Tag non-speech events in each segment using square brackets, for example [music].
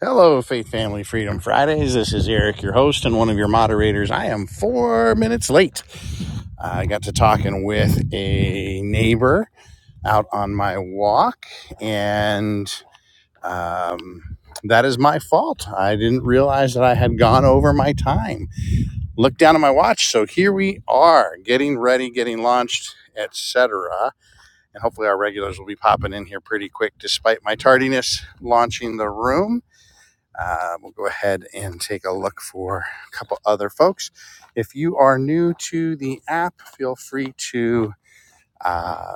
Hello, Faith Family Freedom Fridays. This is Eric, your host and one of your moderators. I am four minutes late. I got to talking with a neighbor out on my walk, and um, that is my fault. I didn't realize that I had gone over my time. Looked down at my watch, so here we are, getting ready, getting launched, etc. And hopefully, our regulars will be popping in here pretty quick, despite my tardiness launching the room. Uh, we'll go ahead and take a look for a couple other folks. If you are new to the app, feel free to uh,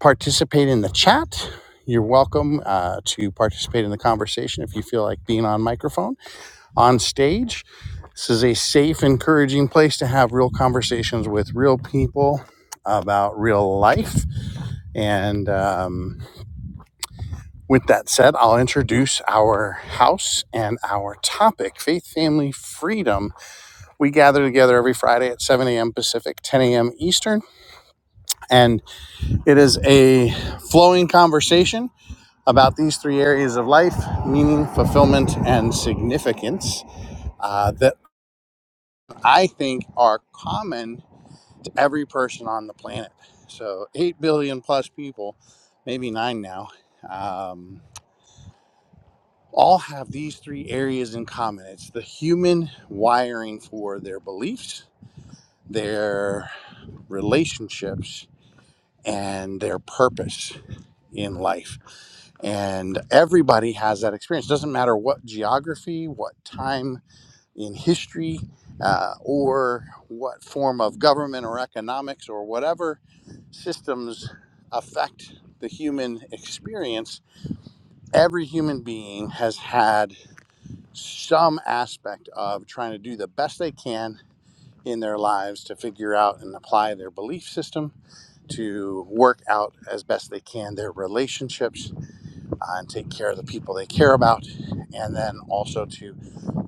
participate in the chat. You're welcome uh, to participate in the conversation if you feel like being on microphone, on stage. This is a safe, encouraging place to have real conversations with real people about real life and. um, With that said, I'll introduce our house and our topic faith, family, freedom. We gather together every Friday at 7 a.m. Pacific, 10 a.m. Eastern, and it is a flowing conversation about these three areas of life meaning, fulfillment, and significance uh, that I think are common to every person on the planet. So, 8 billion plus people, maybe nine now. Um, all have these three areas in common it's the human wiring for their beliefs, their relationships, and their purpose in life. And everybody has that experience. Doesn't matter what geography, what time in history, uh, or what form of government or economics or whatever systems affect the human experience, every human being has had some aspect of trying to do the best they can in their lives to figure out and apply their belief system to work out as best they can their relationships uh, and take care of the people they care about and then also to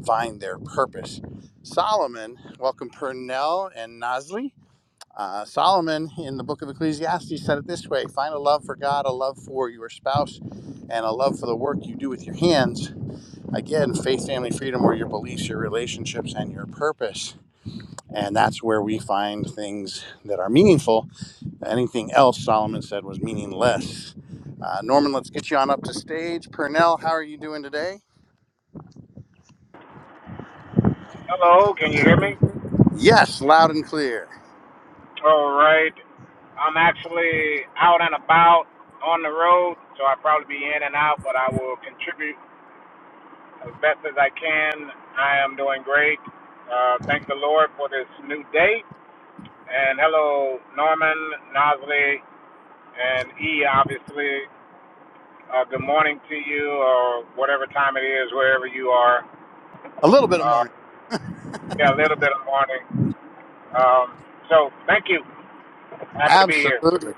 find their purpose solomon welcome purnell and nasli uh, solomon in the book of ecclesiastes said it this way find a love for god a love for your spouse and a love for the work you do with your hands again, faith, family, freedom were your beliefs, your relationships, and your purpose. And that's where we find things that are meaningful. Anything else Solomon said was meaningless. Uh, Norman, let's get you on up to stage. Purnell, how are you doing today? Hello, can you hear me? Yes, loud and clear. All right. I'm actually out and about on the road, so I'll probably be in and out, but I will contribute as best as I can. I am doing great. Uh, thank the Lord for this new day. And hello, Norman, Nosley, and E, obviously. Uh, good morning to you, or whatever time it is, wherever you are. A little bit of Uh, morning. yeah, a little bit of morning. Um, so, thank you. Happy to be Absolutely.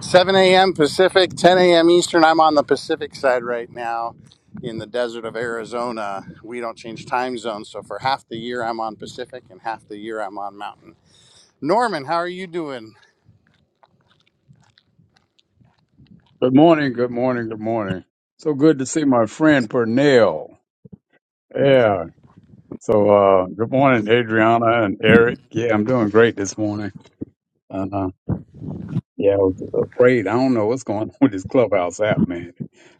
7 a.m. Pacific, 10 a.m. Eastern. I'm on the Pacific side right now in the desert of Arizona. We don't change time zones. So for half the year, I'm on Pacific, and half the year, I'm on Mountain. Norman, how are you doing? Good morning, good morning, good morning. So good to see my friend Pernell. Yeah. So uh good morning, Adriana and Eric. Yeah, I'm doing great this morning. And uh yeah, I was afraid. I don't know what's going [laughs] on with this clubhouse app, man.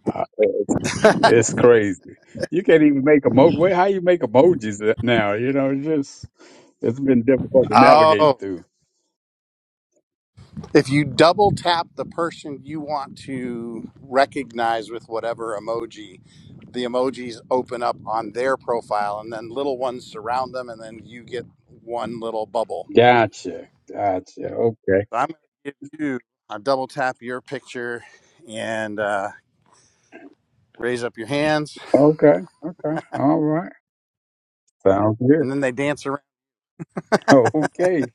Uh, it's, it's crazy. You can't even make emo wait, how you make emojis now, you know, it's just it's been difficult to navigate Oh, through. if you double tap the person you want to recognize with whatever emoji, the emojis open up on their profile and then little ones surround them and then you get one little bubble. Gotcha. Gotcha. Okay. So I'm going to give you I double tap your picture and uh, raise up your hands Okay. Okay. All right. Sounds good. and then they dance around. [laughs] Okay.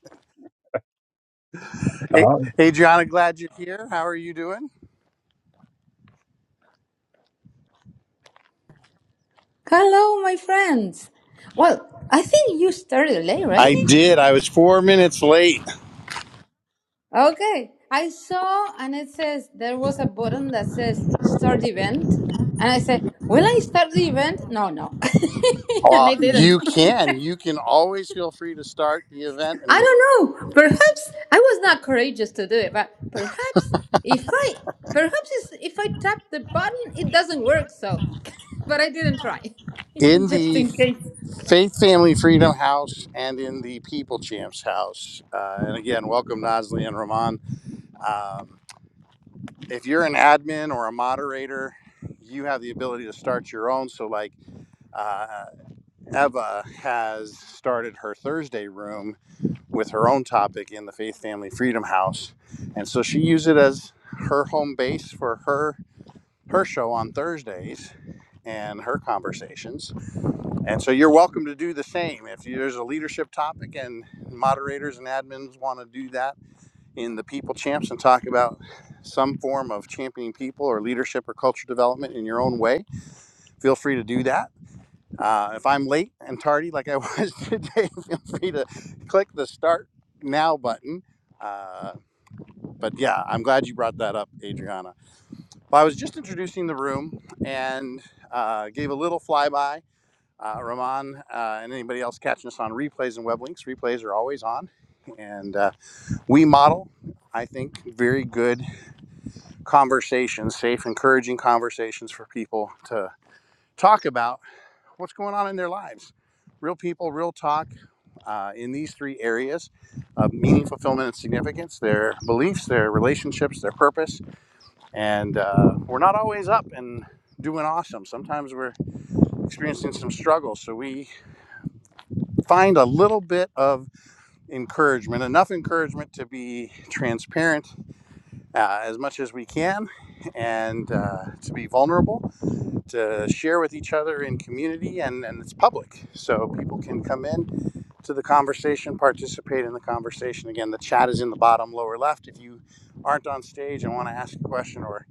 Hey, Uh, Adriana, glad you're here. How are you doing? Hello, my friends. Well, I think you started late, right? I did. I was four minutes late. Okay. I saw, and it says there was a button that says start event. And I said, Will I start the event? No, no. [laughs] and I Well, [laughs] didn't. you [laughs] can. You can always feel free to start the event I and don't know. Perhaps I was not courageous to do it, but perhaps if I, perhaps it's- if I tap the button, it doesn't work. So, [laughs] but I didn't try [laughs] in just the in case. Faith Family Freedom House and in the People Champs House. Uh, and again, welcome Nosley and Ramon. Um, if you're an admin or a moderator, you have the ability to start your own. So, like uh, Eva has started her Thursday room with her own topic in the Faith Family Freedom House, and so she used it as her home base for her her show on Thursdays and her conversations. And so you're welcome to do the same. If there's a leadership topic and moderators and admins want to do that in the People Champs and talk about some form of championing people or leadership or culture development in your own way, feel free to do that. Uh, if I'm late and tardy like I was today, [laughs] feel free to click the start now button. Uh, but yeah, I'm glad you brought that up, Adriana. Well, I was just introducing the room and uh, gave a little flyby. Uh, Ramon uh, and anybody else catching us on replays and web links, replays are always on. And uh, we model, I think, very good conversations, safe, encouraging conversations for people to talk about what's going on in their lives. Real people, real talk uh, in these three areas of meaning, fulfillment, and significance their beliefs, their relationships, their purpose, and uh, we're not always up and doing awesome. Sometimes we're experiencing some struggles, so we find a little bit of encouragement, enough encouragement to be transparent uh, as much as we can and uh, to be vulnerable, to share with each other in community, and, and it's public. So people can come in to the conversation, participate in the conversation. Again, the chat is in the bottom lower left. If you aren't on stage and want to ask a question or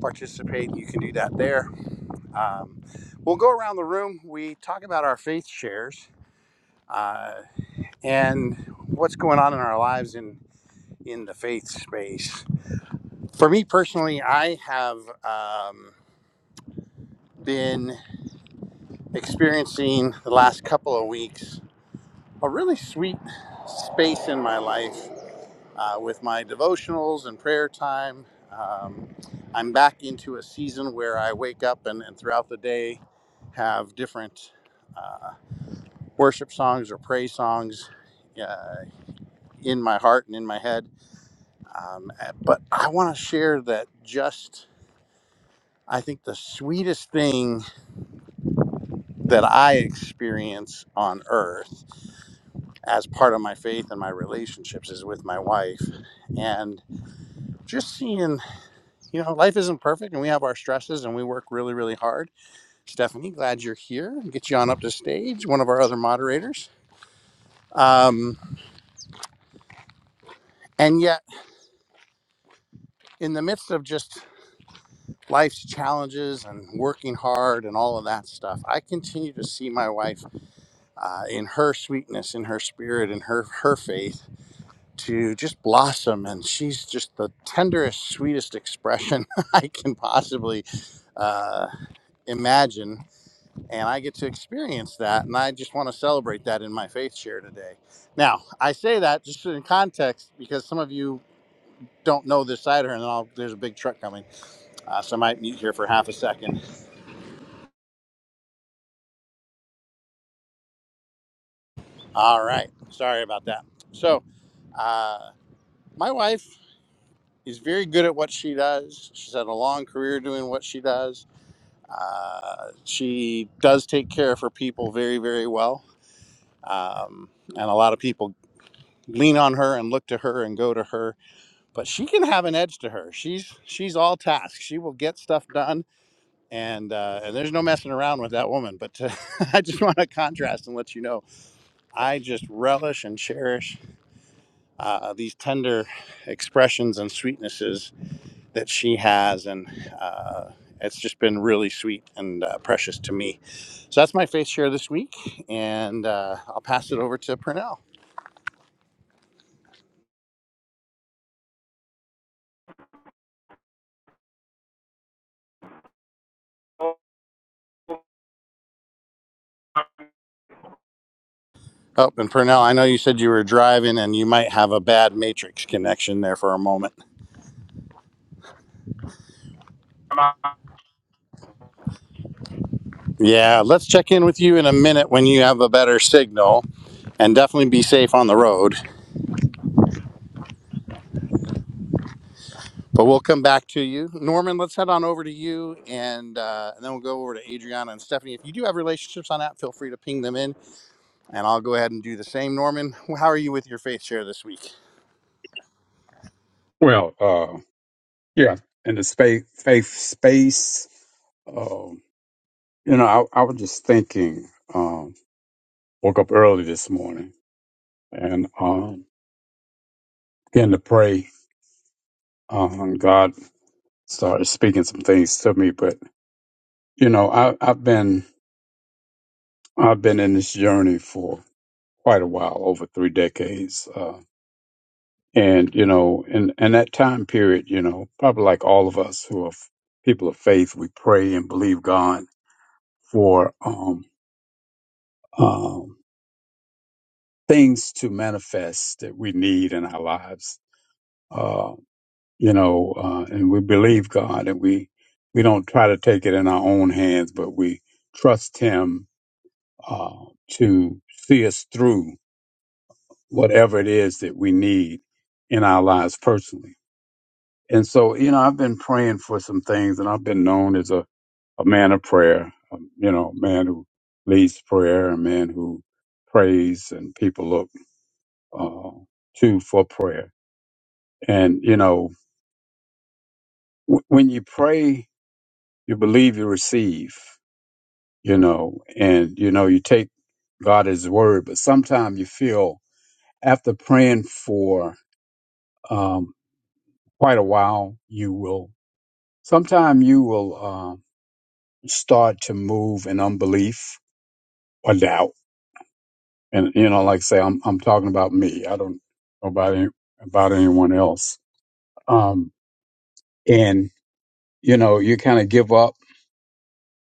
participate, you can do that there Um, we'll go around the room. We talk about our faith shares uh, and what's going on in our lives in, in the faith space. For me personally, I have um, been experiencing the last couple of weeks a really sweet space in my life uh, with my devotionals and prayer time. Um, I'm back into a season where I wake up and, and throughout the day have different. uh, worship songs or praise songs uh, in my heart and in my head. Um, uh, but I want to share that just, I think, the sweetest thing that I experience on earth as part of my faith and my relationships is with my wife. And just seeing, you know, life isn't perfect and we have our stresses and we work really, really hard. Stephanie, glad you're here. Get you on up to stage, one of our other moderators. Um, and yet, in the midst of just life's challenges and working hard and all of that stuff. I continue to see my wife uh, in her sweetness, in her spirit, in her her faith to just blossom, and she's just the tenderest, sweetest expression [laughs] I can possibly uh, imagine, and I get to experience that, and I just want to celebrate that in my faith share today. Now, I say that just in context because some of you don't know this side of her, and then I'll, there's a big truck coming, uh, so I might mute here for half a second All right. Sorry about that. So, uh, my wife is very good at what she does. She's had a long career doing what she does. Uh, she does take care of her people very, very well. Um, and a lot of people lean on her and look to her and go to her. But she can have an edge to her. She's she's all tasks. She will get stuff done. And, uh, and there's no messing around with that woman. But uh [laughs] I just want to contrast and let you know I just relish and cherish uh, these tender expressions and sweetnesses that she has, and uh, it's just been really sweet and uh, precious to me. So that's my faith share this week, and uh, I'll pass it over to Purnell. Oh, and Purnell, I know you said you were driving, and you might have a bad matrix connection there for a moment. here. Yeah, let's check in with you in a minute when you have a better signal, and definitely be safe on the road. But we'll come back to you. Norman, let's head on over to you and, uh, and then we'll go over to Adriana and Stephanie. If you do have relationships on that, feel free to ping them in and I'll go ahead and do the same. Norman, how are you with your faith share this week? Well, uh, yeah, in the space, faith space, um, you know, I, I was just thinking, um, woke up early this morning and um, began to pray. Um, God started speaking some things to me, but you know, I, I've been I've been in this journey for quite a while, over three decades, uh, and you know, in in that time period, you know, probably like all of us who are f- people of faith, we pray and believe God for um, um, things to manifest that we need in our lives. Uh, you know, uh, and we believe God, and we we don't try to take it in our own hands, but we trust Him uh, to see us through whatever it is that we need in our lives personally. And so, you know, I've been praying for some things, and I've been known as a, a man of prayer. um, You know, a man who leads prayer, a man who prays, and people look uh, to for prayer. And, you know, w- when you pray, you believe you receive, you know, and, you know, you take God as word, but sometimes you feel after praying for um, quite a while, you will, sometimes you will uh, start to move in unbelief or doubt. And, you know, like I say, I'm, I'm talking about me. I don't know about, any, about anyone else. Um, and, you know, you kind of give up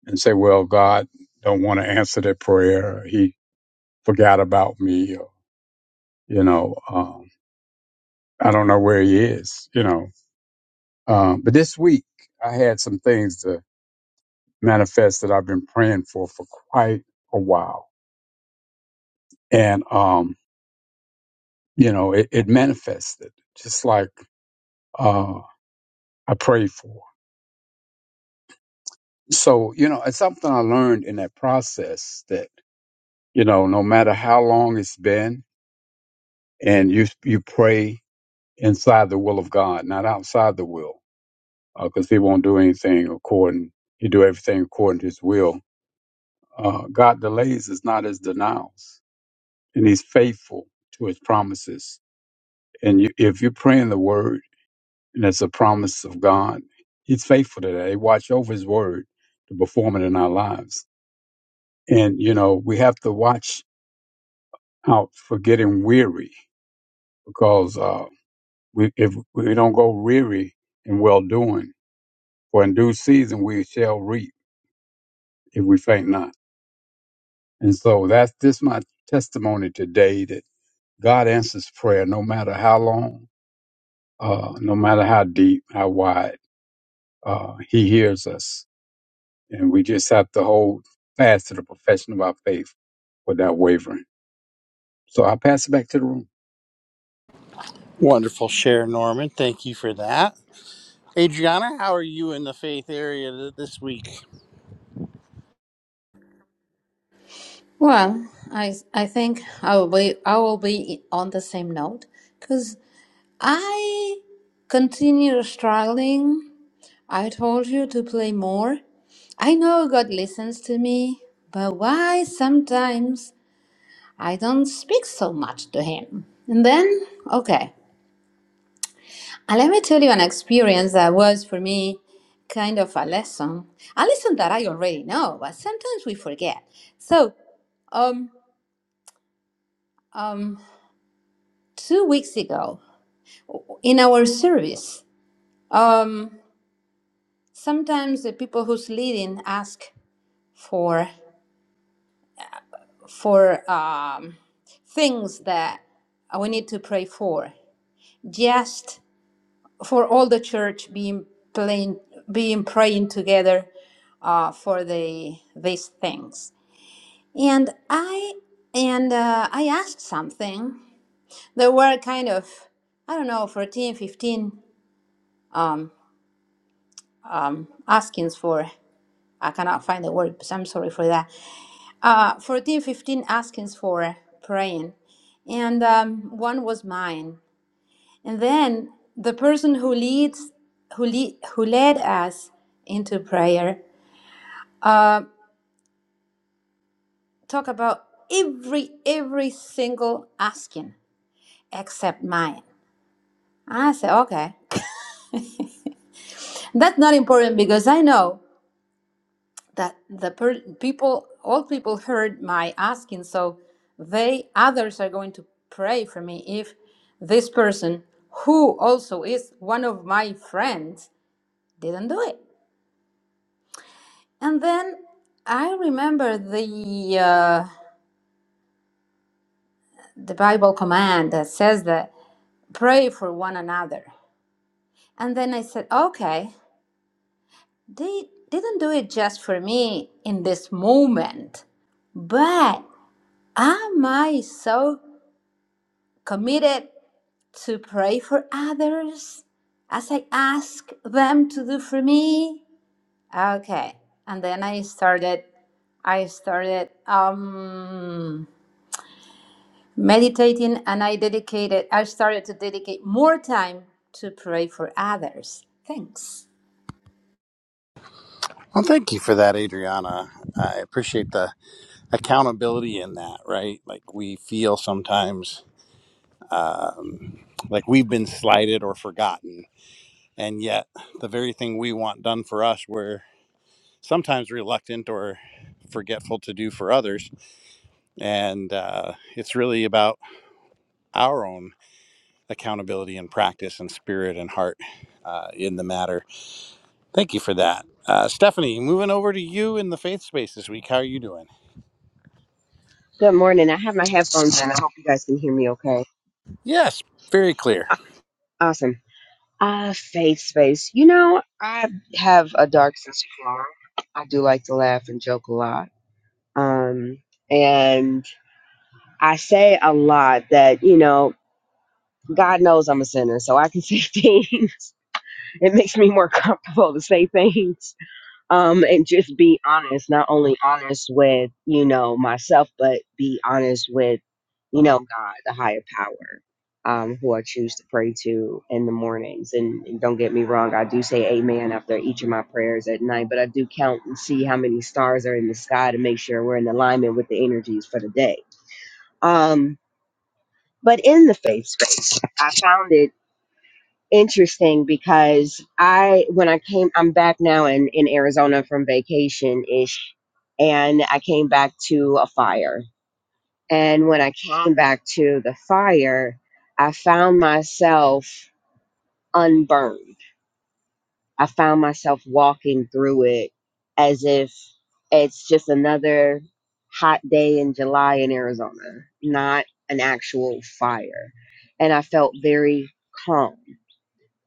and say, well, God don't want to answer that prayer. Or he forgot about me. Or, you know, um, I don't know where he is, you know. Um, but this week I had some things to manifest that I've been praying for for quite a while. And, um, you know, it, it manifested just like, uh, I prayed for. So, you know, it's something I learned in that process that, you know, no matter how long it's been and you, you pray inside the will of God, not outside the will, because He won't do anything according. He do everything according to His will. Uh, God delays is not His denials, and He's faithful to His promises. And you, if you're praying the Word, and it's a promise of God, He's faithful to that. He watch over His Word to perform it in our lives. And you know we have to watch out for getting weary because uh, we, if we don't go weary in well doing For in due season we shall reap if we faint not. And so that's this my testimony today that God answers prayer no matter how long, uh, no matter how deep, how wide, uh, He hears us. And we just have to hold fast to the profession of our faith without wavering. So I pass it back to the room. Wonderful share, Norman. Thank you for that. Adriana, how are you in the faith area th- this week? Well, I I think I will be I will be on the same note because I continue struggling. I told you to play more. I know God listens to me, but why sometimes I don't speak so much to Him? And then, okay, and let me tell you an experience that was for me kind of a lesson, a lesson that I already know, but sometimes we forget. So, um, um. two weeks ago in our service um, sometimes the people who's leading ask for for um, things that we need to pray for just for all the church being playing being praying together uh, for the these things and i and uh, i asked something there were kind of I don't know, 14, 15 um, um, askings for. I cannot find the word, so I'm sorry for that. Uh, 14, 15 askings for praying, and um, one was mine. And then the person who leads, who lead, who led us into prayer, uh, talk about every every single asking except mine. I say, okay, that's not important because I know that the per- people all people heard my asking so they others are going to pray for me if this person who also is one of my friends didn't do it and then i remember the uh, the bible command that says that pray for one another and then i said okay they didn't do it just for me in this moment but am I so committed to pray for others as I ask them to do for me. Okay. And then I started I started um meditating and I dedicated I started to dedicate more time to pray for others. Thanks. Well, thank you for that, Adriana. I appreciate the accountability in that, right? Like we feel sometimes um, like we've been slighted or forgotten And yet, the very thing we want done for us, we're sometimes reluctant or forgetful to do for others. And uh, it's really about our own accountability and practice and spirit and heart uh, in the matter. Thank you for that. Uh, Stephanie, moving over to you in the faith space this week. How are you doing? Good morning. I have my headphones in. I hope you guys can hear me okay. Yes, very clear. Awesome. Uh, faith space. You know, I have a dark sense of humor. I do like to laugh and joke a lot. Um, and I say a lot that, you know, God knows I'm a sinner, so I can say [laughs] things. It makes me more comfortable to say things um and just be honest not only honest with you know myself but be honest with you know god the higher power um who i choose to pray to in the mornings and, and don't get me wrong i do say amen after each of my prayers at night but i do count and see how many stars are in the sky to make sure we're in alignment with the energies for the day um but in the faith space i found it interesting because I when I came I'm back now in in Arizona from vacation ish and I came back to a fire. And when I came back to the fire, I found myself unburned. I found myself walking through it as if it's just another hot day in July in Arizona, not an actual fire. And I felt very calm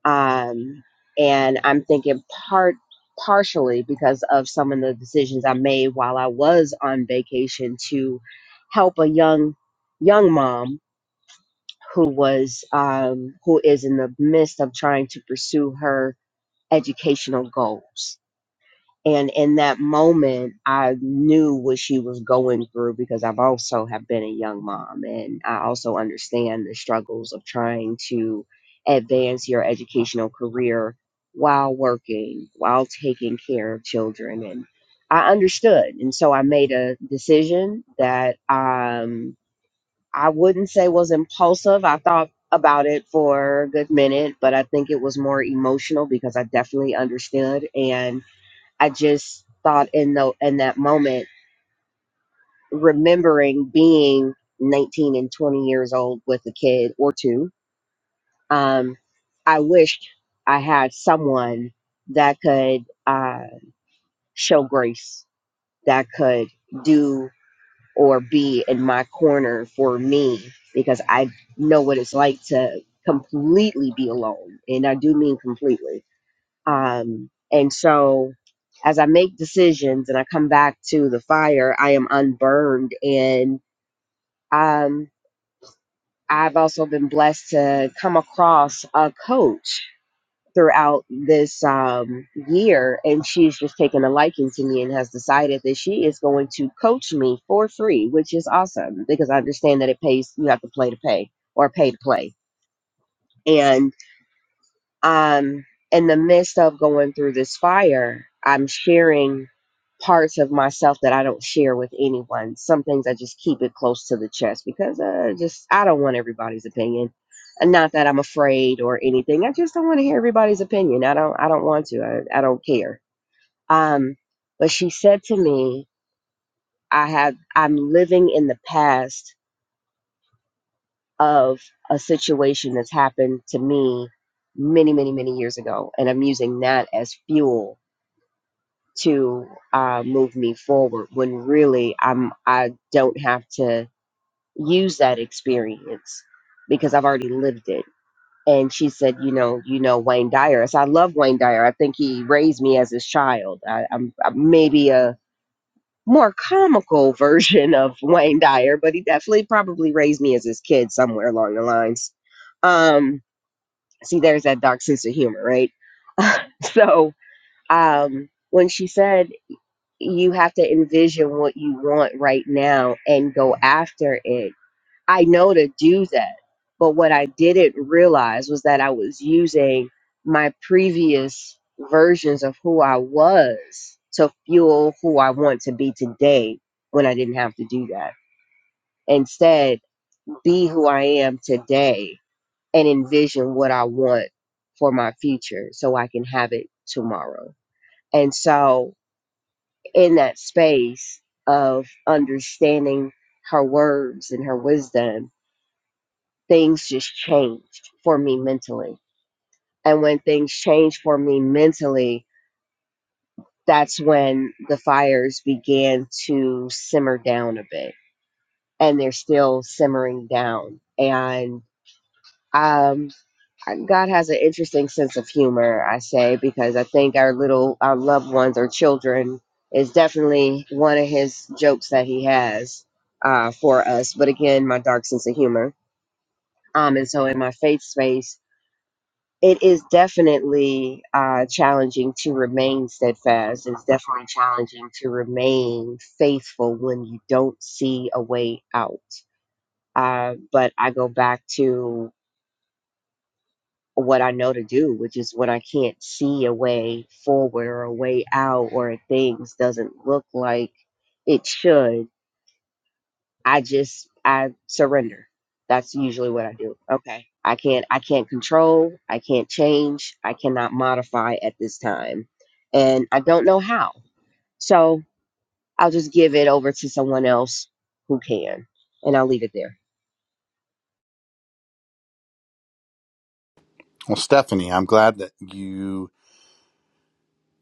um, and I'm thinking part partially because of some of the decisions I made while I was on vacation to help a young young mom who was um, who is in the midst of trying to pursue her educational goals and in that moment, I knew what she was going through because I've also have been a young mom, and I also understand the struggles of trying to advance your educational career while working, while taking care of children. And I understood, and so I made a decision that um, I wouldn't say was impulsive. I thought about it for a good minute, but I think it was more emotional because I definitely understood and I just thought in the in that moment, remembering being 19 and 20 years old with a kid or two, um, I wished I had someone that could uh, show grace, that could do or be in my corner for me, because I know what it's like to completely be alone, and I do mean completely Um, and so as I make decisions and I come back to the fire, I am unburned. And um, I've also been blessed to come across a coach throughout this um, year. And she's just taken a liking to me and has decided that she is going to coach me for free, which is awesome because I understand that it pays, you have to play to pay or pay to play. and. um, in the midst of going through this fire, I'm sharing parts of myself that I don't share with anyone. Some things I just keep it close to the chest because uh, just I don't want everybody's opinion. And not that I'm afraid or anything. I just don't want to hear everybody's opinion. I don't. I don't want to. I, I don't care. Um, but she said to me, "I have. I'm living in the past of a situation that's happened to me many, many, many years ago. And I'm using that as fuel to uh, move me forward when really I'm, I don't have to use that experience because I've already lived it. And she said, you know, you know Wayne Dyer. I said, I love Wayne Dyer. I think he raised me as his child. I, I'm, I'm maybe a more comical [laughs] version of Wayne Dyer, but he definitely probably raised me as his kid somewhere along the lines. Um, see there's that dark sense of humor right [laughs] so um when she said you have to envision what you want right now and go after it i know to do that but what i didn't realize was that i was using my previous versions of who i was to fuel who i want to be today when i didn't have to do that instead be who i am today and envision what I want for my future so I can have it tomorrow. And so, in that space of understanding her words and her wisdom, things just changed for me mentally. And when things changed for me mentally, that's when the fires began to simmer down a bit. And they're still simmering down. And I'm I- God has an interesting sense of humor, I say, because I think our little, our loved ones, or children, is definitely one of his jokes that he has uh, for us. But again, my dark sense of humor. Um, and so in my faith space, it is definitely uh, challenging to remain steadfast. It's definitely challenging to remain faithful when you don't see a way out. Uh, but I go back to what I know to do, which is when I can't see a way forward or a way out or things doesn't look like it should, I just I surrender. That's usually what I do. Okay. I can't I can't control, I can't change, I cannot modify at this time. And I don't know how. So I'll just give it over to someone else who can. And I'll leave it there. Well, Stephanie, I'm glad that you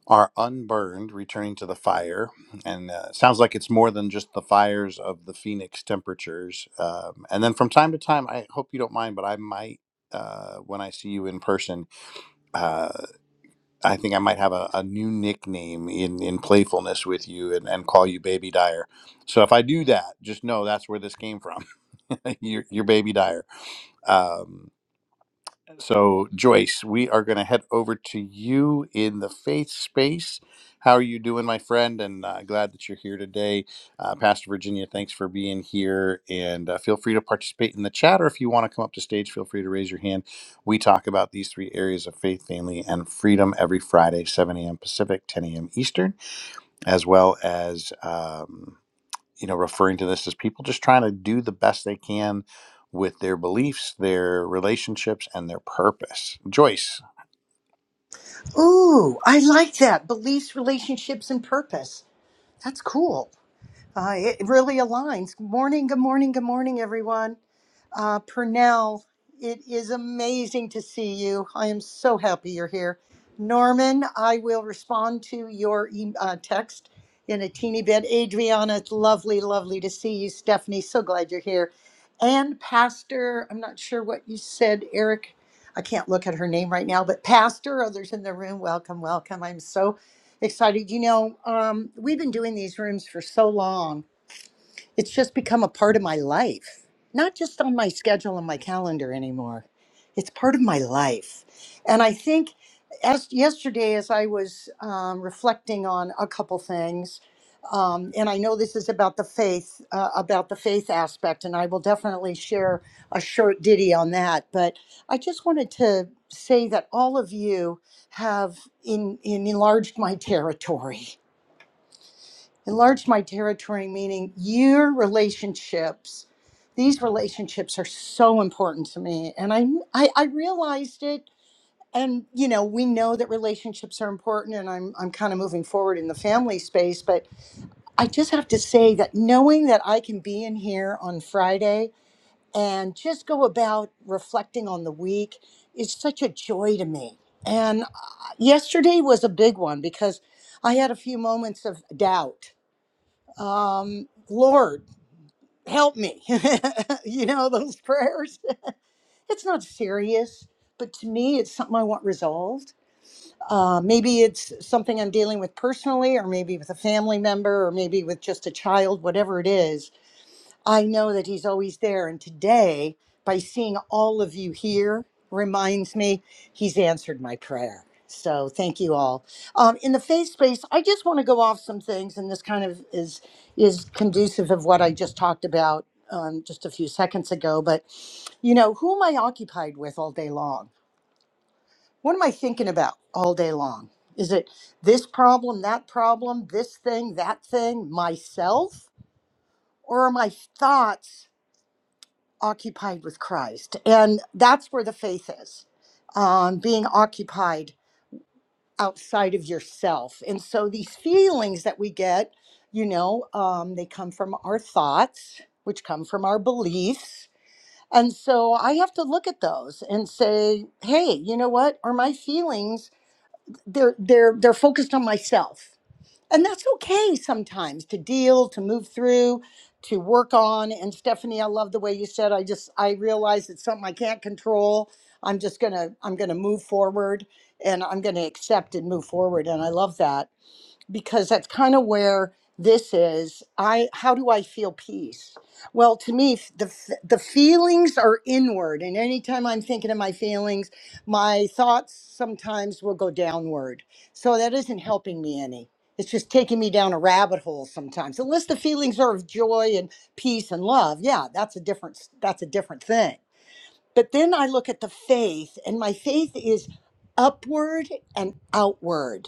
are unburned, returning to the fire. And uh, it sounds like it's more than just the fires of the Phoenix temperatures. Um, and then from time to time, I hope you don't mind, but I might. Uh, when I see you in person, uh, I think I might have a, a new nickname in, in playfulness with you and, and call you Baby Dyer. So if I do that, just know that's where this came from. [laughs] you're, you're Baby Dyer. Um, so, Joyce, we are going to head over to you in the faith space. How are you doing, my friend? And uh, glad that you're here today. Uh, Pastor Virginia, thanks for being here. And uh, feel free to participate in the chat, or if you want to come up to stage, feel free to raise your hand. We talk about these three areas of faith, family, and freedom every Friday, 7 a.m. Pacific, 10 a.m. Eastern, as well as. Um, you know, referring to this as people just trying to do the best they can with their beliefs, their relationships, and their purpose. Joyce, Ooh, I like that. Beliefs, relationships, and purpose. That's cool. Uh, it really aligns. Good morning, good morning, good morning, everyone. Uh, Purnell, it is amazing to see you. I am so happy you're here. Norman, I will respond to your e- uh, text in a teeny bit. Adriana, it's lovely, lovely to see you. Stephanie, so glad you're here. And Pastor, I'm not sure what you said, Eric. I can't look at her name right now, but Pastor, others in the room, welcome, welcome. I'm so excited. You know, um, we've been doing these rooms for so long it's just become a part of my life, not just on my schedule and my calendar anymore. It's part of my life. And I think as yesterday, as I was um, reflecting on a couple things, um, and I know this is about the faith, uh, about the faith aspect, and I will definitely share a short ditty on that. But I just wanted to say that all of you have in, in enlarged my territory enlarge my territory meaning your relationships these relationships are so important to me and I, I i realized it and you know we know that relationships are important and i'm i'm kind of moving forward in the family space but i just have to say that knowing that i can be in here on friday and just go about reflecting on the week is such a joy to me and uh, yesterday was a big one because i had a few moments of doubt um, Lord, help me. [laughs] you know, those prayers. It's not serious, but to me, it's something I want resolved. Uh, maybe it's something I'm dealing with personally, or maybe with a family member, or maybe with just a child, whatever it is I know that He's always there. And today, by seeing all of you here, reminds me He's answered my prayer. So thank you all. Um, in the faith space, I just want to go off some things, and this kind of is is conducive of what I just talked about um, just a few seconds ago. But you know, who am I occupied with all day long? What am I thinking about all day long? Is it this problem, that problem, this thing, that thing, myself, or are my thoughts? occupied with Christ. And that's where the faith is um, being occupied outside of yourself. And so these feelings that we get, you know, um, they come from our thoughts, which come from our beliefs. And so I have to look at those and say, hey, you know what? Are my feelings they're they're they're focused on myself and that's okay sometimes to deal to move through to work on and stephanie i love the way you said i just i realize it's something i can't control i'm just gonna i'm gonna move forward and i'm gonna accept and move forward and i love that because that's kind of where this is i how do i feel peace well to me f- the f- the feelings are inward and anytime i'm thinking of my feelings my thoughts sometimes will go downward so that isn't helping me any it's just taking me down a rabbit hole sometimes unless the feelings are of joy and peace and love yeah that's a different s- that's a different thing but then i look at the faith and my faith is upward and outward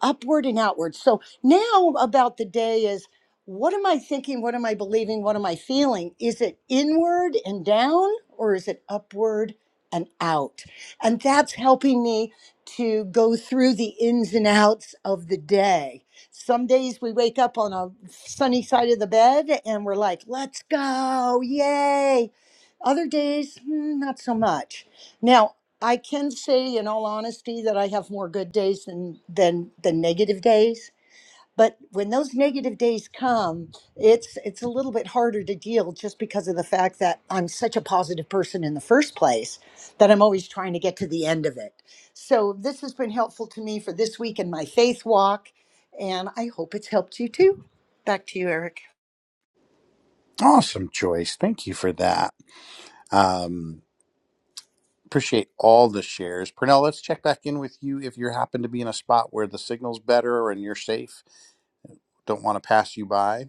upward and outward. So now about the day is what am I thinking? What am I believing? What am I feeling? Is it inward and down or is it upward and out? And that's helping me to go through the ins and outs of the day. Some days we wake up on a sunny side of the bed and we're like, let's go, yay. Other days, mm, not so much. Now, I can say in all honesty that I have more good days than than than negative days. But when those negative days come, it's it's a little bit harder to deal just because of the fact that I'm such a positive person in the first place that I'm always trying to get to the end of it. So this has been helpful to me for this week in my faith walk, and I hope it's helped you too. Back to you, Eric. awesome, Joyce. Thank you for that. Um, appreciate all the shares. Pernell, let's check back in with you if you happen to be in a spot where the signal's better and you're safe. Don't want to pass you by.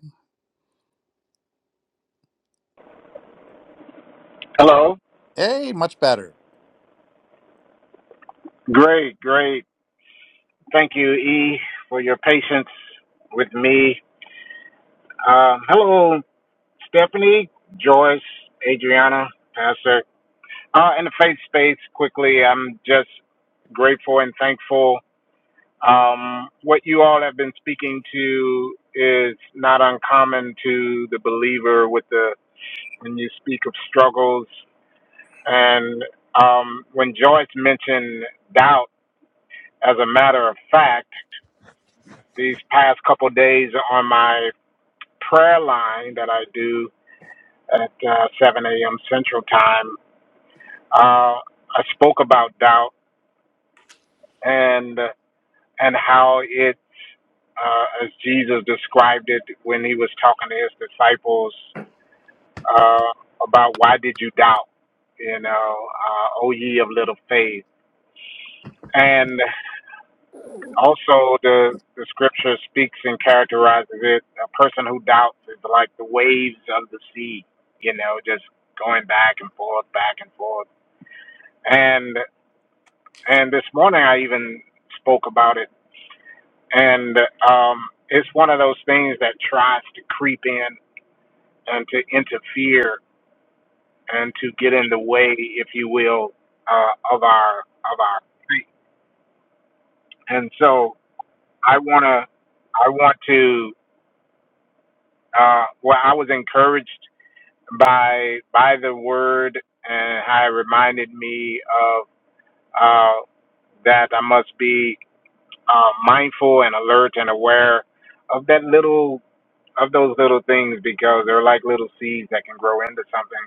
Hello. Hey, much better. Great, great. Thank you, E, for your patience with me. Um, hello, Stephanie, Joyce, Adriana, Pastor. Uh, in the faith space, quickly, I'm just grateful and thankful. Um, what you all have been speaking to is not uncommon to the believer with the when you speak of struggles and um, when Joyce mentioned doubt as a matter of fact. These past couple days on my prayer line that I do at uh, 7 a.m. Central Time, uh, I spoke about doubt and and how it's uh, as Jesus described it when he was talking to his disciples uh, about why did you doubt? You know, uh, O ye of little faith, and Also, the the scripture speaks and characterizes it. A person who doubts is like the waves of the sea, you know, just going back and forth, back and forth. And and this morning I even spoke about it, and um, it's one of those things that tries to creep in and to interfere and to get in the way, if you will, uh, of our of our faith. And so I wanna, I want to. Uh, well, I was encouraged by by the word and how it reminded me of uh, that I must be uh, mindful and alert and aware of that little of those little things because they're like little seeds that can grow into something.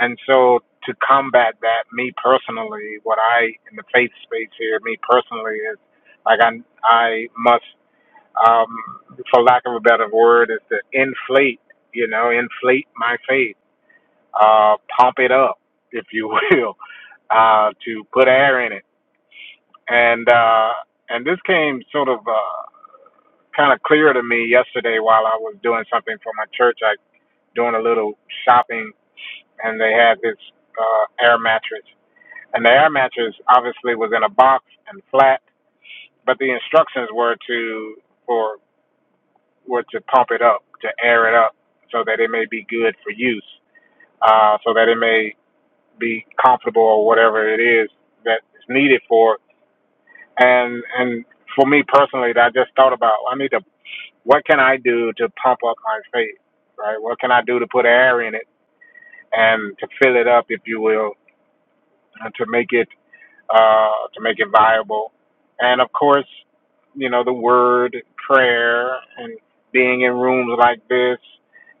And so to combat that, me personally, what I in the faith space here, me personally is like I I must um, for lack of a better word, is to inflate, you know, inflate my faith uh, pump it up, if you will, [laughs] uh, to put air in it. And uh, and this came sort of uh, kind of clear to me yesterday while I was doing something for my church. I doing a little shopping, and they had this uh, air mattress. And the air mattress obviously was in a box and flat, but the instructions were to for were to pump it up, to air it up, so that it may be good for use, uh, so that it may be comfortable or whatever it is that is needed for. And and for me personally, I just thought about I need to what can I do to pump up my faith, right? What can I do to put air in it and to fill it up, if you will, and to make it uh, to make it viable. And of course, you know the word, prayer, and being in rooms like this,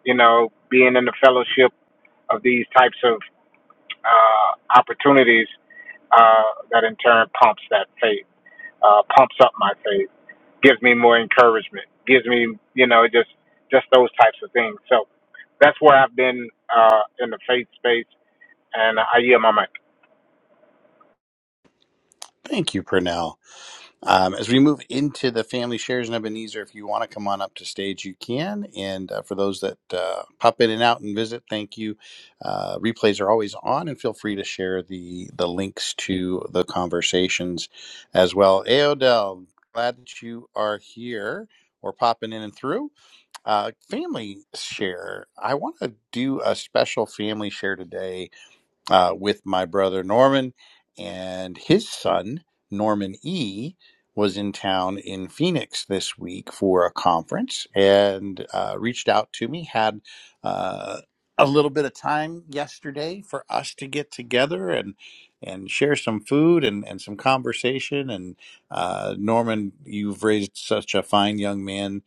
you know, being in the fellowship of these types of uh, opportunities uh, that in turn pumps that faith, uh, pumps up my faith, gives me more encouragement, gives me, you know, just just those types of things. So that's where I've been uh, in the faith space, and I yield my mic. Thank you, Pernell. Um, as we move into the family shares and Ebenezer, if you want to come on up to stage, you can. And uh, for those that uh, pop in and out and visit, thank you. Uh, replays are always on, and feel free to share the the links to the conversations as well. Aodell, glad that you are here or popping in and through. Uh, family share. I want to do a special family share today uh, with my brother Norman and his son, Norman E., was in town in Phoenix this week for a conference and uh, reached out to me. Had uh, a little bit of time yesterday for us to get together and and share some food and, and some conversation. And uh, Norman, you've raised such a fine young man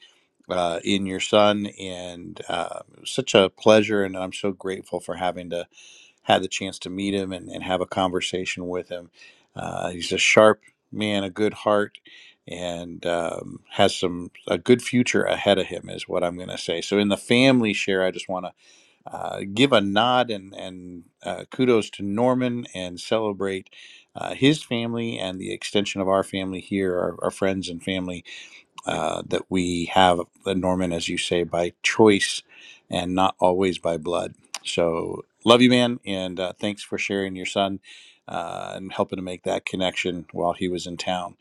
uh, in your son, and uh, such a pleasure. And I'm so grateful for having to had the chance to meet him and, and have a conversation with him. Uh, he's a sharp man, a good heart, and um, has some a good future ahead of him, is what I'm going to say. So in the family share, I just want to uh, give a nod and and uh, kudos to Norman and celebrate. Uh, his family and the extension of our family here, our, our friends and family uh, that we have, uh, Norman, as you say, by choice and not always by blood. So, love you, man. And uh, thanks for sharing your son uh, and helping to make that connection while he was in town.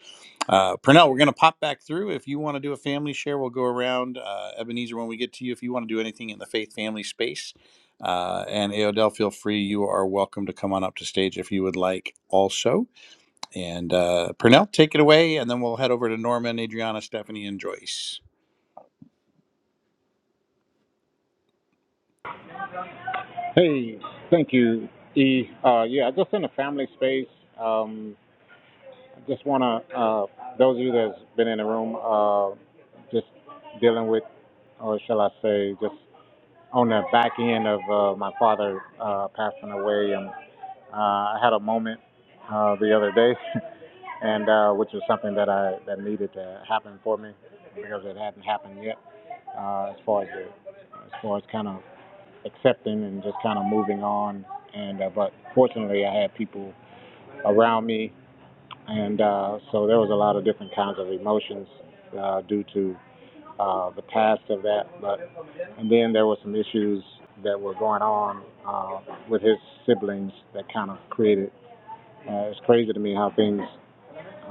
Uh, Pernell, we're going to pop back through. If you want to do a family share, we'll go around. Uh, Ebenezer, when we get to you, if you want to do anything in the faith family space. Uh, and Aodell, feel free. You are welcome to come on up to stage if you would like also. And uh, Purnell, take it away, and then we'll head over to Norman, Adriana, Stephanie, and Joyce. Hey, thank you, E. Uh, yeah, just in the family space. Um, I just want to, uh, those of you that's been in the room, uh, just dealing with, or shall I say, just on the back end of uh, my father uh, passing away, and uh, I had a moment uh, the other day, [laughs] and uh, which was something that I that needed to happen for me because it hadn't happened yet. Uh, as far as the, as far as kind of accepting and just kind of moving on, and uh, but fortunately, I had people around me, and uh, so there was a lot of different kinds of emotions uh, due to uh, the past of that, but and then there were some issues that were going on uh, with his siblings that kind of created. Uh, it's crazy to me how things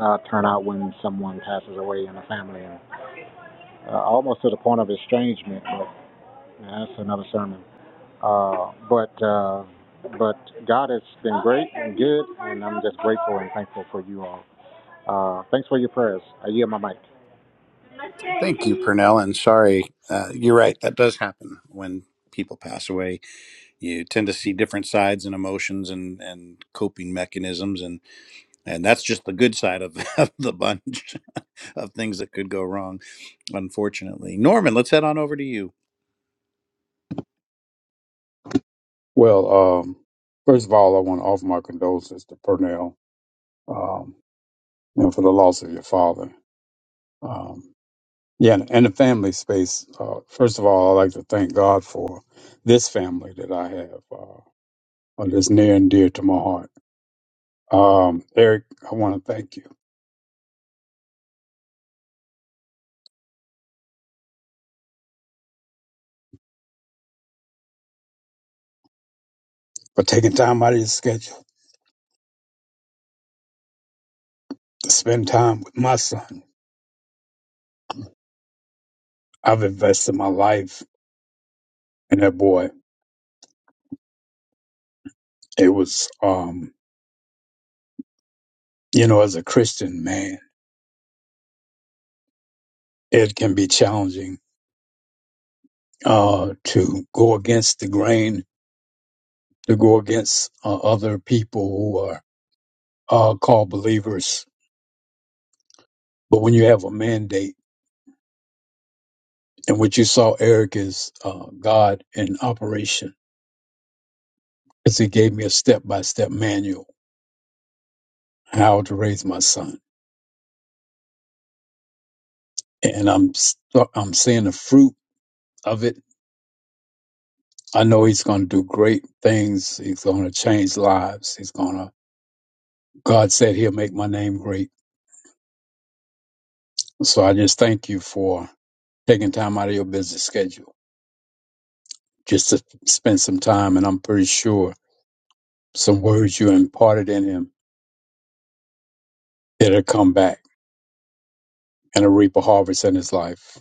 uh, turn out when someone passes away in a family, and uh, almost to the point of estrangement. But yeah, that's another sermon. Uh, but uh, but God has been great and good, and I'm just grateful and thankful for you all. Uh, thanks for your prayers. I yield my mic. Thank you, Purnell. And sorry, uh, you're right. That does happen when people pass away. You tend to see different sides and emotions and, and coping mechanisms, and and that's just the good side of, [laughs] of the bunch [laughs] of things that could go wrong. Unfortunately, Norman, let's head on over to you. Well, um, first of all, I want to offer my condolences to Purnell um, and for the loss of your father. Um, Yeah, and the family space. Uh, first of all, I'd like to thank God for this family that I have, uh, or that's near and dear to my heart. Um, Eric, I want to thank you for taking time out of your schedule to spend time with my son. I've invested my life in that boy. It was, um, you know, as a Christian man, it can be challenging uh, to go against the grain, to go against uh, other people who are uh, called believers. But when you have a mandate, And what you saw, Eric, is uh, God in operation because He gave me a step by step manual how to raise my son, and I'm st- I'm seeing the fruit of it. I know He's going to do great things. He's going to change lives. He's going to. God said He'll make my name great. So I just thank you for taking time out of your busy schedule just to spend some time, and I'm pretty sure some words you imparted in him it'll come back and a reap a harvest in his life.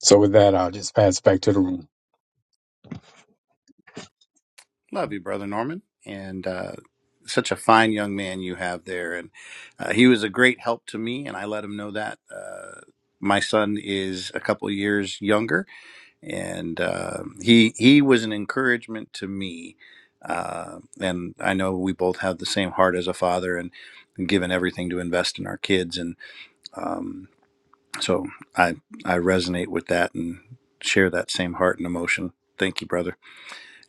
So with that, I'll just pass back to the room. Love you, Brother Norman. And uh, such a fine young man you have there. And uh, he was a great help to me, and I let him know that. Uh, my son is a couple years younger, and uh, he he was an encouragement to me. Uh, and I know we both have the same heart as a father, and, and given everything to invest in our kids. And um, so I I resonate with that and share that same heart and emotion. Thank you, brother.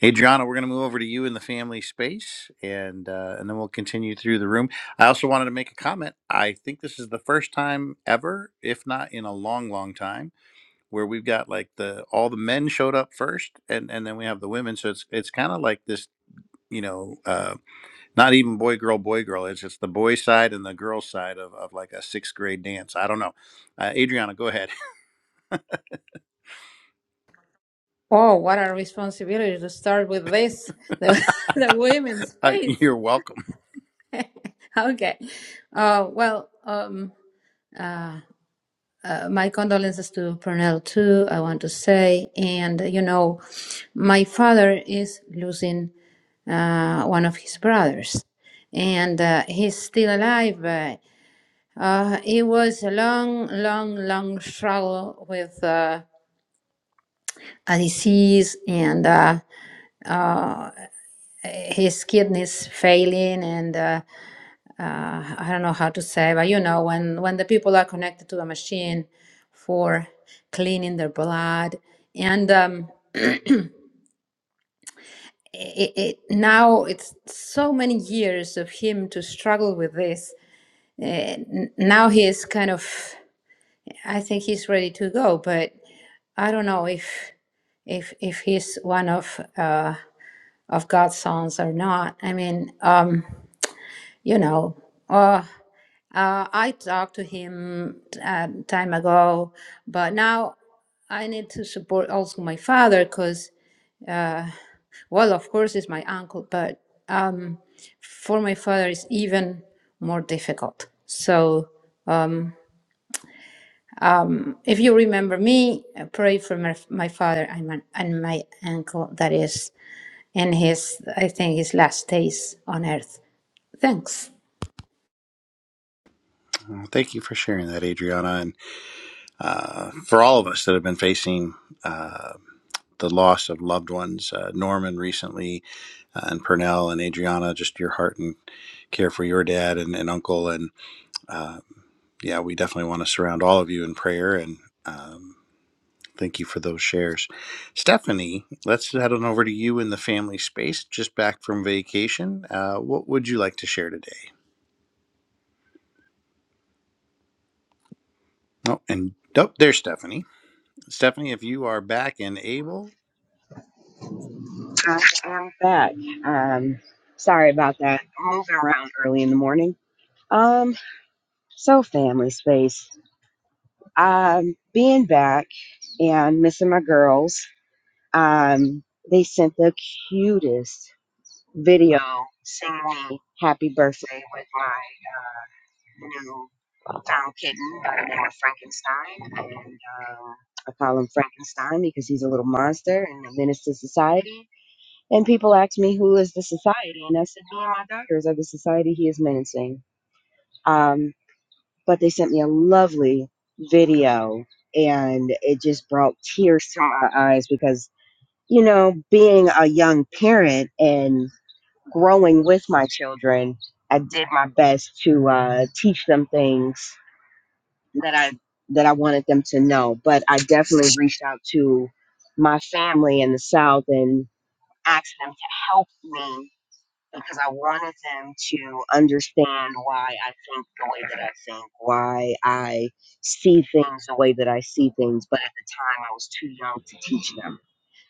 Adriana, we're going to move over to you in the family space, and uh, and then we'll continue through the room. I also wanted to make a comment. I think this is the first time ever, if not in a long, long time, where we've got like the all the men showed up first, and and then we have the women. So it's it's kind of like this, you know, uh, not even boy girl boy girl. It's it's the boy side and the girl side of, of like a sixth grade dance. I don't know. Uh, Adriana, go ahead. [laughs] Oh, what a responsibility to start with this, the, [laughs] the women's Uh, space. you're welcome. [laughs] okay. Uh, well, um, uh, uh, my condolences to Pernell too, I want to say. And, you know, my father is losing uh, one of his brothers, and uh, he's still alive. But, uh, it was a long, long, long struggle with uh, a disease and uh, uh, his kidneys failing and uh, uh, I don't know how to say, but you know, when when the people are connected to a machine for cleaning their blood, and um, it, it now it's so many years of him to struggle with this. Uh, n- now he is kind of, I think he's ready to go, but I don't know if if if he's one of uh, of God's sons or not. I mean, um, you know. Uh, Uh, I talked to him uh, time ago, but now I need to support also my father because, uh, well, of course, it's my uncle, but um, for my father, it's even more difficult. So, um, if you remember me, uh, pray for my, my father and my, and my uncle that is in his, I think, his last days on earth. Thanks. Thank you for sharing that, Adriana. And. uh, for all of us that have been facing uh, the loss of loved ones. Uh, Norman recently, uh, and Pernell and Adriana, just your heart and care for your dad and, and uncle. And uh, yeah, we definitely want to surround all of you in prayer and um, thank you for those shares. Stephanie, let's head on over to you in the family space, just back from vacation. Uh, what would you like to share today? Oh, and oh, there's Stephanie. Stephanie, if you are back and able, I am back. Um sorry about that. Moving around early in the morning. Um. So, family space. Um, being back and missing my girls, um, they sent the cutest video singing me happy birthday with my uh, new found kitten by the name of Frankenstein. And um, I call him Frankenstein because he's a little monster and a menace to society. And people ask me, who is the society? And I said, me and my daughters are the society he is menacing. Um, but they sent me a lovely video and it just brought tears to my eyes because you know being a young parent and growing with my children i did my best to uh, teach them things that i that i wanted them to know but i definitely reached out to my family in the south and asked them to help me because I wanted them to understand why I think the way that I think, why I see things the way that I see things. But at the time, I was too young to teach them.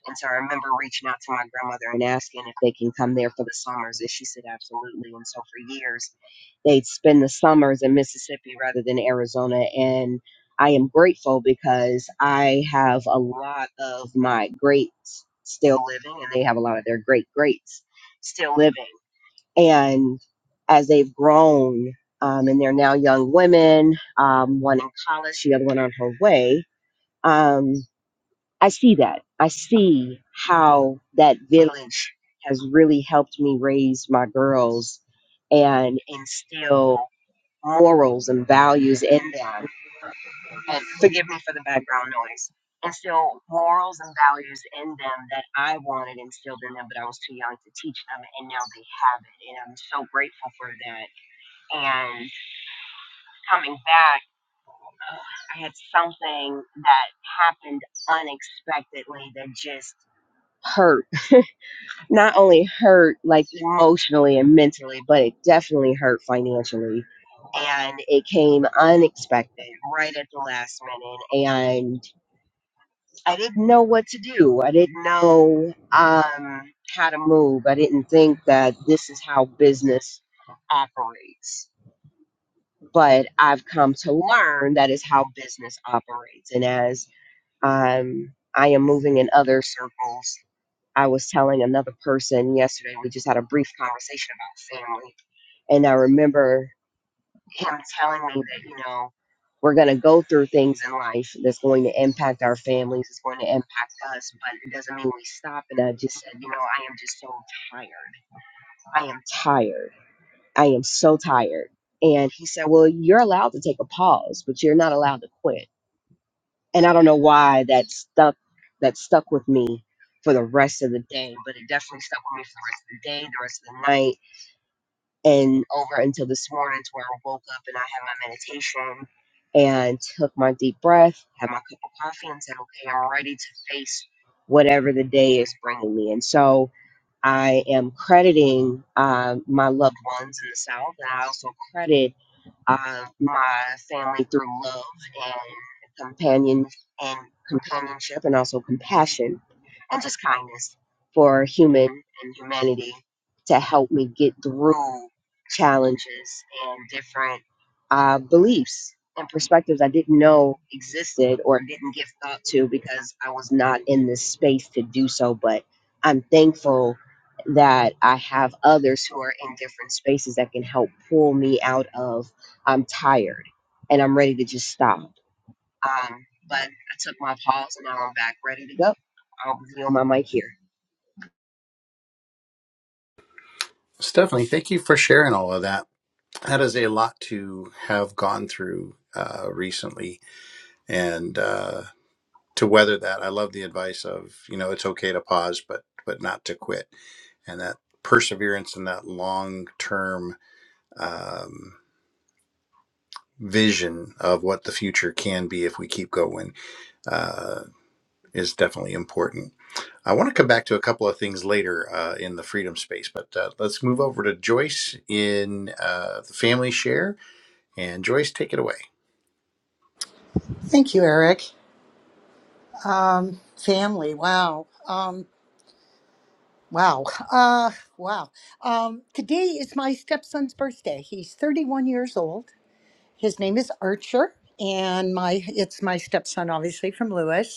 And so I remember reaching out to my grandmother and asking if they can come there for the summers. And she said, absolutely. And so for years, they'd spend the summers in Mississippi rather than Arizona. And I am grateful because I have a lot of my greats still living, and they have a lot of their great greats still living. And as they've grown, um, and they're now young women, um, one in college, the other one on her way, um, I see that. I see how that village has really helped me raise my girls and instill morals and values in them. And forgive me for the background noise. Instill morals and values in them that I wanted instilled in them, but I was too young to teach them, and now they have it. And I'm so grateful for that and coming back, I had something that happened unexpectedly that just hurt. Not only hurt like emotionally and mentally, but it definitely hurt financially. And it came unexpected right at the last minute. And I didn't know what to do. I didn't know um, how to move. I didn't think that this is how business operates. but I've come to learn that is how business operates. And as um, I am moving in other circles, I was telling another person yesterday, we just had a brief conversation about family. And I remember him telling me that, you know, we're going to go through things in life that's going to impact our families, it's going to impact us, but it doesn't mean we stop. And I just said, you know, I am just so tired. I am tired I am so tired. And he said, Well, you're allowed to take a pause, but you're not allowed to quit. And I don't know why that stuck that stuck with me for the rest of the day, but it definitely stuck with me for the rest of the day, the rest of the night and over until this morning to where I woke up and I had my meditation and took my deep breath, had my cup of coffee, and said, okay, I'm ready to face whatever the day is bringing me. And so I am crediting uh, my loved ones in the South, and I also credit of my family through love and companion and companionship and also compassion and just kindness for human and humanity to help me get through challenges and different uh, beliefs and perspectives I didn't know existed or didn't give thought to because I was not in this space to do so. But I'm thankful that I have others who are in different spaces that can help pull me out of I'm tired and I'm ready to just stop. Um, but I took my pause and now I'm back ready to go. I'll be on my mic here. Stephanie, thank you for sharing all of that. that is a lot to have gone through uh, recently and uh, to weather that i love the advice of you know it's okay to pause but but not to quit and that perseverance and that long term um, vision of what the future can be if we keep going uh, is definitely important i want to come back to a couple of things later uh, in the freedom space but uh, let's move over to joyce in uh, the family share and joyce take it away Thank you, Eric. Um, family, wow. Um, Wow. [laughs] Uh, wow. Um, today is my stepson's birthday. He's 31 years old. His name is Archer, and my it's my stepson, obviously from Lewis.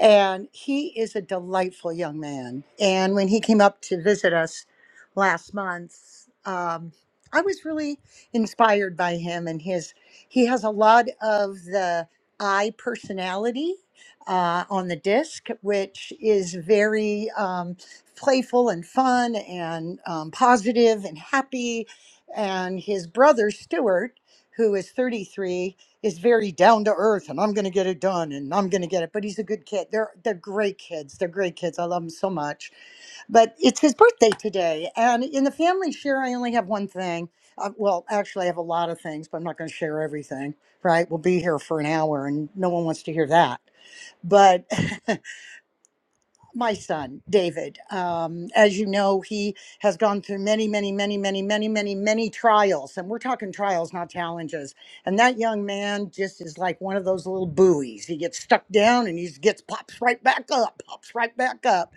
And he is a delightful young man. And when he came up to visit us last month, um, I was really inspired by him and his. He has a lot of the I personality uh, on the disc, which is very um, playful and fun and um, positive and happy. And his brother Stuart, who is 33 is very down to earth and I'm going to get it done and I'm going to get it. But he's a good kid. They're they're great kids. They're great kids. I love them so much. But it's his birthday today, and in the family share, I only have one thing. Uh, well, actually, I have a lot of things, but I'm not going to share everything. Right? We'll be here for an hour, and no one wants to hear that. But [laughs] my son david um, as you know he has gone through many many many many many many many trials and we're talking trials not challenges and that young man just is like one of those little buoys he gets stuck down and he gets pops right back up pops right back up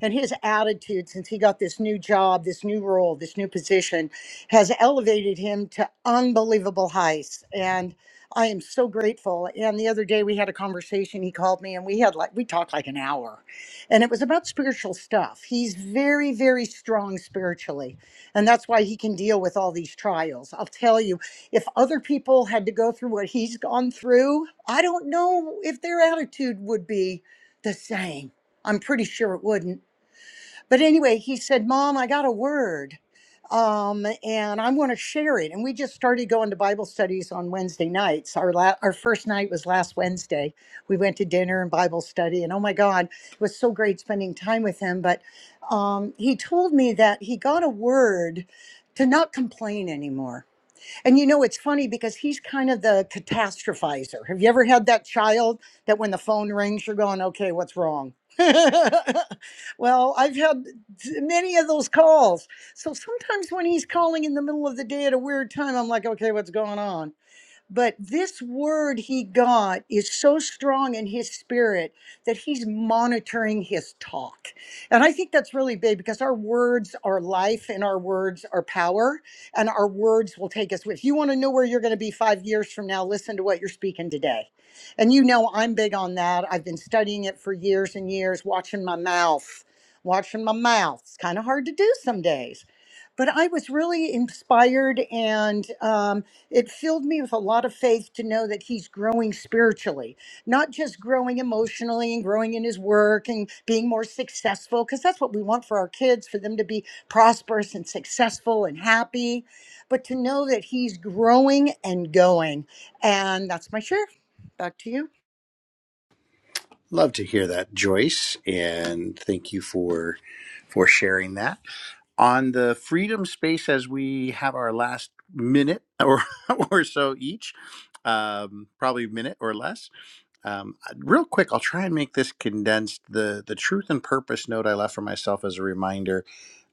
and his attitude since he got this new job, this new role, this new position has elevated him to unbelievable heights. And I am so grateful. And the other day we had a conversation. He called me and we had like, we talked like an hour and it was about spiritual stuff. He's very, very strong spiritually. And that's why he can deal with all these trials. I'll tell you, if other people had to go through what he's gone through, I don't know if their attitude would be the same. I'm pretty sure it wouldn't. But anyway, he said, Mom, I got a word um, and I want to share it. And we just started going to Bible studies on Wednesday nights. Our, la- our first night was last Wednesday. We went to dinner and Bible study. And oh my God, it was so great spending time with him. But um, he told me that he got a word to not complain anymore and you know, it's funny because he's kind of the catastrophizer. Have you ever had that child that when the phone rings, you're going, okay, what's wrong? [laughs] well, I've had many of those calls. So sometimes when he's calling in the middle of the day at a weird time, I'm like, okay, what's going on? But this word he got is so strong in his spirit that he's monitoring his talk. And I think that's really big because our words are life and our words are power and our words will take us. If you want to know where you're going to be five years from now, listen to what you're speaking today. And you know, I'm big on that. I've been studying it for years and years, watching my mouth, watching my mouth. It's kind of hard to do some days but I was really inspired and um, it filled me with a lot of faith to know that he's growing spiritually, not just growing emotionally and growing in his work and being more successful, because that's what we want for our kids, for them to be prosperous and successful and happy, but to know that he's growing and going. And that's my share. Back to you. Love to hear that, Joyce, and thank you for for sharing that. On the freedom space, as we have our last minute or [laughs] or so each, um, probably a minute or less. Um, real quick, I'll try and make this condensed. The the truth and purpose note I left for myself as a reminder.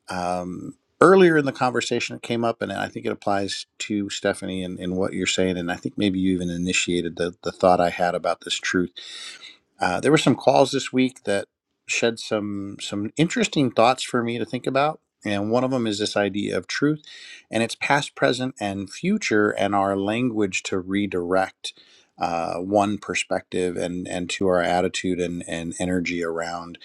Um, Earlier in the conversation, it came up, and I think it applies to Stephanie and, and what you're saying. And I think maybe you even initiated the, the thought I had about this truth uh, there were some calls this week that shed some some interesting thoughts for me to think about, and one of them is this idea of truth, and it's past, present, and future, and our language to redirect uh, one perspective and and to our attitude and and energy around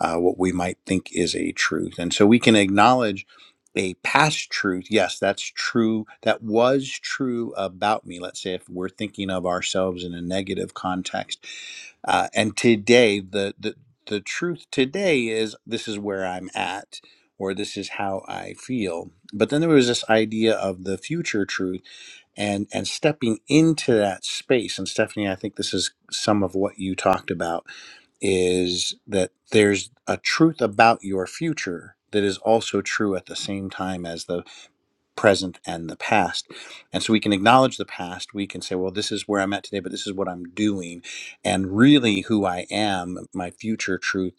uh, what we might think is a truth, and so we can acknowledge. A past truth, yes, that's true. That was true about me. Let's say if we're thinking of ourselves in a negative context, uh, and today, the, the the truth today is this is where I'm at, or this is how I feel. But then there was this idea of the future truth, and and stepping into that space. And Stephanie, I think this is some of what you talked about is that there's a truth about your future that is also true at the same time as the present and the past. And so we can acknowledge the past. We can say, well, this is where I'm at today, but this is what I'm doing. And really, who I am, my future truth,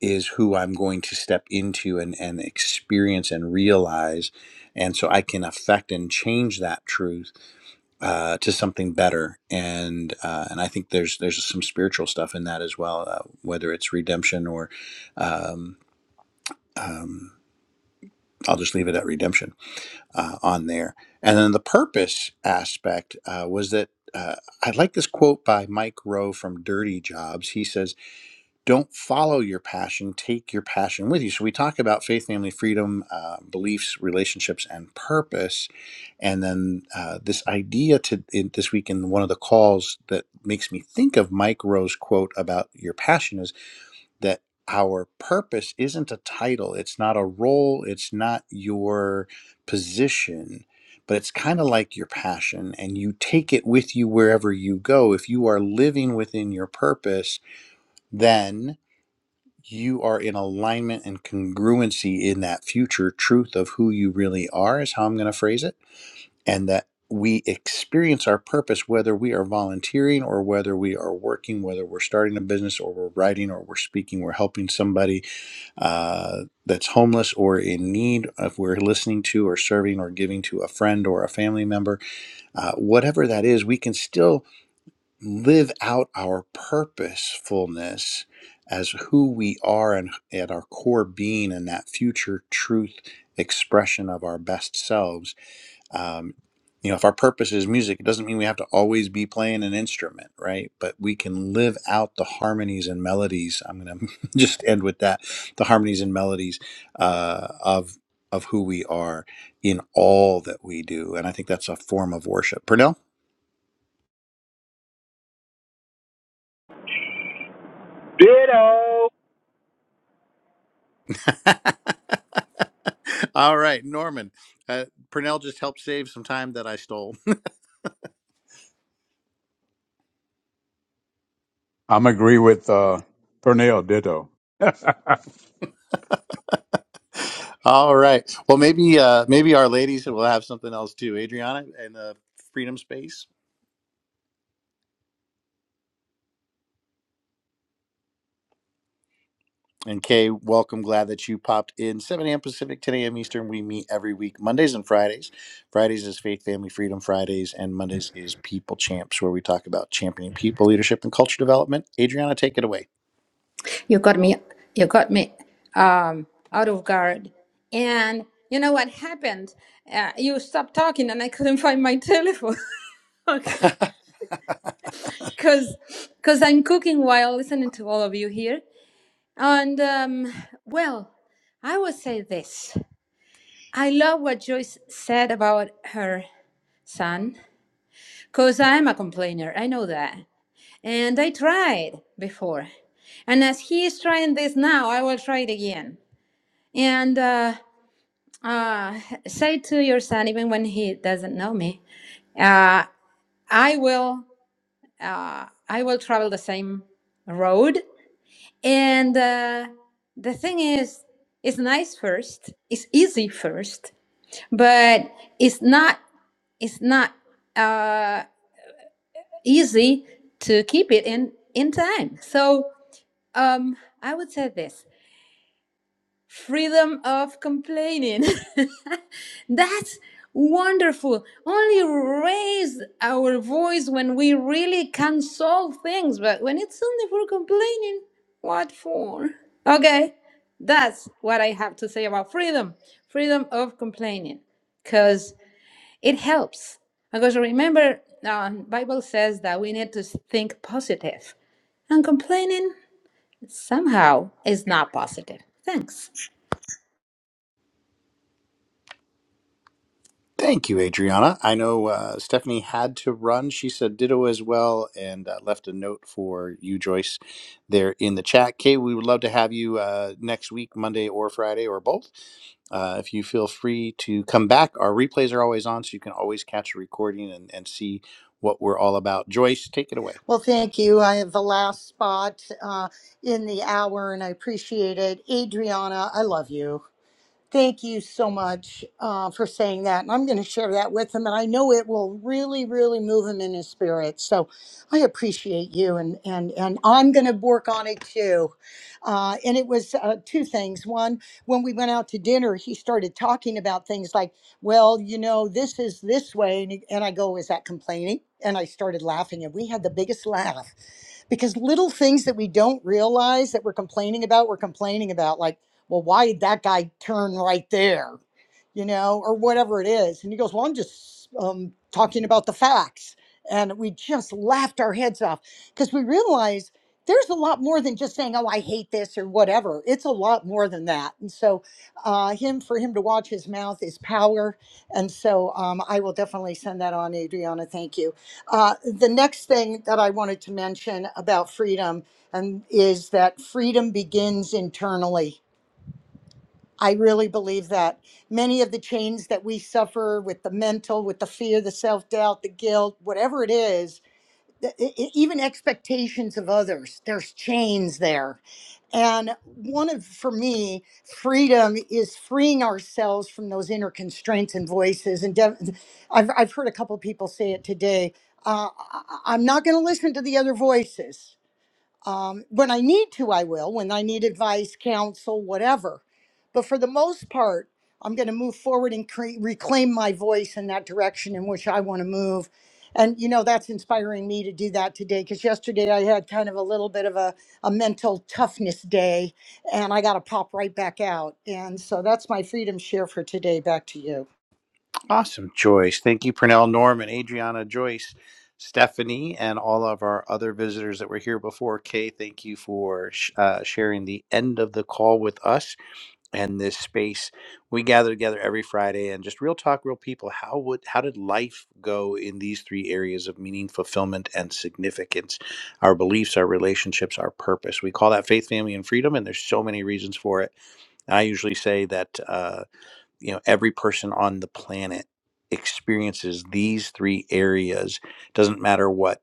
is who I'm going to step into and, and experience and realize. And so I can affect and change that truth uh, to something better. And uh, and I think there's there's some spiritual stuff in that as well, uh, whether it's redemption or um, um, I'll just leave it at redemption uh, on there. And then the purpose aspect uh, was that uh, I like this quote by Mike Rowe from Dirty Jobs. He says, Don't follow your passion, take your passion with you. So we talk about faith, family, freedom, uh, beliefs, relationships, and purpose. And then uh, this idea to in, this week in one of the calls that makes me think of Mike Rowe's quote about your passion is that our purpose isn't a title, it's not a role, it's not your position, but it's kind of like your passion, and you take it with you wherever you go. If you are living within your purpose, then you are in alignment and congruency in that future truth of who you really are, is how I'm going to phrase it, and that. We experience our purpose whether we are volunteering or whether we are working, whether we're starting a business or we're writing or we're speaking, we're helping somebody, uh, that's homeless or in need, if we're listening to or serving or giving to a friend or a family member, uh, whatever that is, we can still live out our purposefulness as who we are and at our core being and that future truth expression of our best selves um, you know, if our purpose is music, it doesn't mean we have to always be playing an instrument, right? But we can live out the harmonies and melodies. I'm going to [laughs] just end with that: the harmonies and melodies uh, of of who we are in all that we do, and I think that's a form of worship. Pernell. [laughs] All right, Norman. Uh, Purnell just helped save some time that I stole. I'm agree with uh, Pernell Ditto. [laughs] bye [laughs] All right. Well, maybe uh, maybe our ladies will have something else too. Adriana in the freedom space. And Kay, welcome. Glad that you popped in. 7 a.m. Pacific, 10 a.m. Eastern. We meet every week, Mondays and Fridays. Fridays is Faith, Family, Freedom Fridays, and Mondays is People Champs, where we talk about championing people, leadership, and culture development. Adriana, take it away. You got me. You got me um, out of guard. And you know what happened? Uh, you stopped talking, and I couldn't find my telephone. [laughs] okay, [laughs] because because I'm cooking while listening to all of you here. And um, well, I will say this: I love what Joyce said about her son, because I'm a complainer. I know that, and I tried before. And as he is trying this now, I will try it again. And uh, uh, say to your son, even when he doesn't know me, uh, I will, uh, I will travel the same road. And uh, the thing is, it's nice first, it's easy first, but it's not, it's not uh, easy to keep it in in time. So um, I would say this: freedom of complaining. [laughs] That's wonderful. Only raise our voice when we really can solve things, but when it's only for complaining, what for? Okay, that's what I have to say about freedom freedom of complaining, because it helps. Because remember, uh, Bible says that we need to think positive, and complaining somehow is not positive. Thanks. Thank you, Adriana. I know uh, Stephanie had to run. She said ditto as well and uh, left a note for you, Joyce, there in the chat. Kay, we would love to have you uh, next week, Monday or Friday or both. Uh, if you feel free to come back, our replays are always on, so you can always catch a recording and, and see what we're all about. Joyce, take it away. Well, thank you. I have the last spot uh, in the hour and I appreciate it. Adriana, I love you. Thank you so much uh, for saying that. And I'm going to share that with him. And I know it will really, really move him in his spirit. So I appreciate you. And, and, and I'm going to work on it too. Uh, and it was uh, two things. One, when we went out to dinner, he started talking about things like, well, you know, this is this way. And, he- and I go, is that complaining? And I started laughing. And we had the biggest laugh because little things that we don't realize that we're complaining about, we're complaining about. like well, why did that guy turn right there? You know, or whatever it is. And he goes, well, I'm just um, talking about the facts. And we just laughed our heads off because we realized there's a lot more than just saying, oh, I hate this or whatever. It's a lot more than that. And so, uh, him for him to watch his mouth is power. And so, um, I will definitely send that on, Adriana. Thank you. Uh, the next thing that I wanted to mention about freedom and is that freedom begins internally I really believe that many of the chains that we suffer with the mental, with the fear, the self doubt, the guilt, whatever it is, th- e- e- even expectations of others, there's chains there. And one of, for me, freedom is freeing ourselves from those inner constraints and voices. And def- I've, I've heard a couple people say it today. Uh, I- I- I'm not going to listen to the other voices. Um, when I need to, I will, when I need advice, counsel, whatever. But for the most part, I'm going to move forward and cre- reclaim my voice in that direction in which I want to move. And, you know, that's inspiring me to do that today because yesterday I had kind of a little bit of a, a mental toughness day and I got to pop right back out. And so that's my freedom share for today. Back to you. Awesome choice. Thank you, Pernell, Norm, and Adriana Joyce, Stephanie, and all of our other visitors that were here before. Kay, thank you for sh- uh, sharing the end of the call with us and this space. We gather together every Friday and just real talk, real people. How would how did life go in these three areas of meaning, fulfillment, and significance? Our beliefs, our relationships, our purpose. We call that faith, family, and freedom, and there's so many reasons for it. I usually say that. Uh, you know every person on the planet experiences these three areas doesn't matter what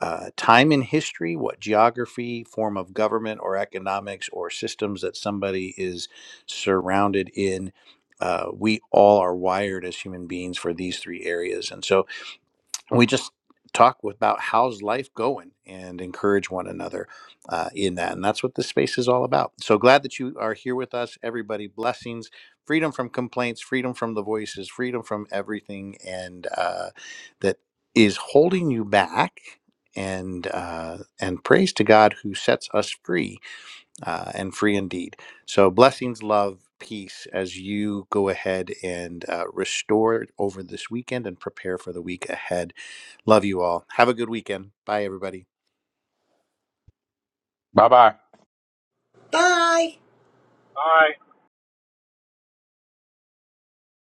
uh, time in history what geography form of government or economics or systems that somebody is surrounded in uh, we all are wired as human beings for these three areas and so we just talk about how's life going and encourage one another uh, in that. And that's what this space is all about. So glad that you are here with us, everybody. Blessings, freedom from complaints, freedom from the voices, freedom from everything, and uh, that is holding you back. And uh, and praise to God who sets us free uh, and free indeed. So blessings, love, peace as you go ahead and uh, restore over this weekend and prepare for the week ahead Love you all. Have a good weekend. Bye, everybody. bye. Bye. All right.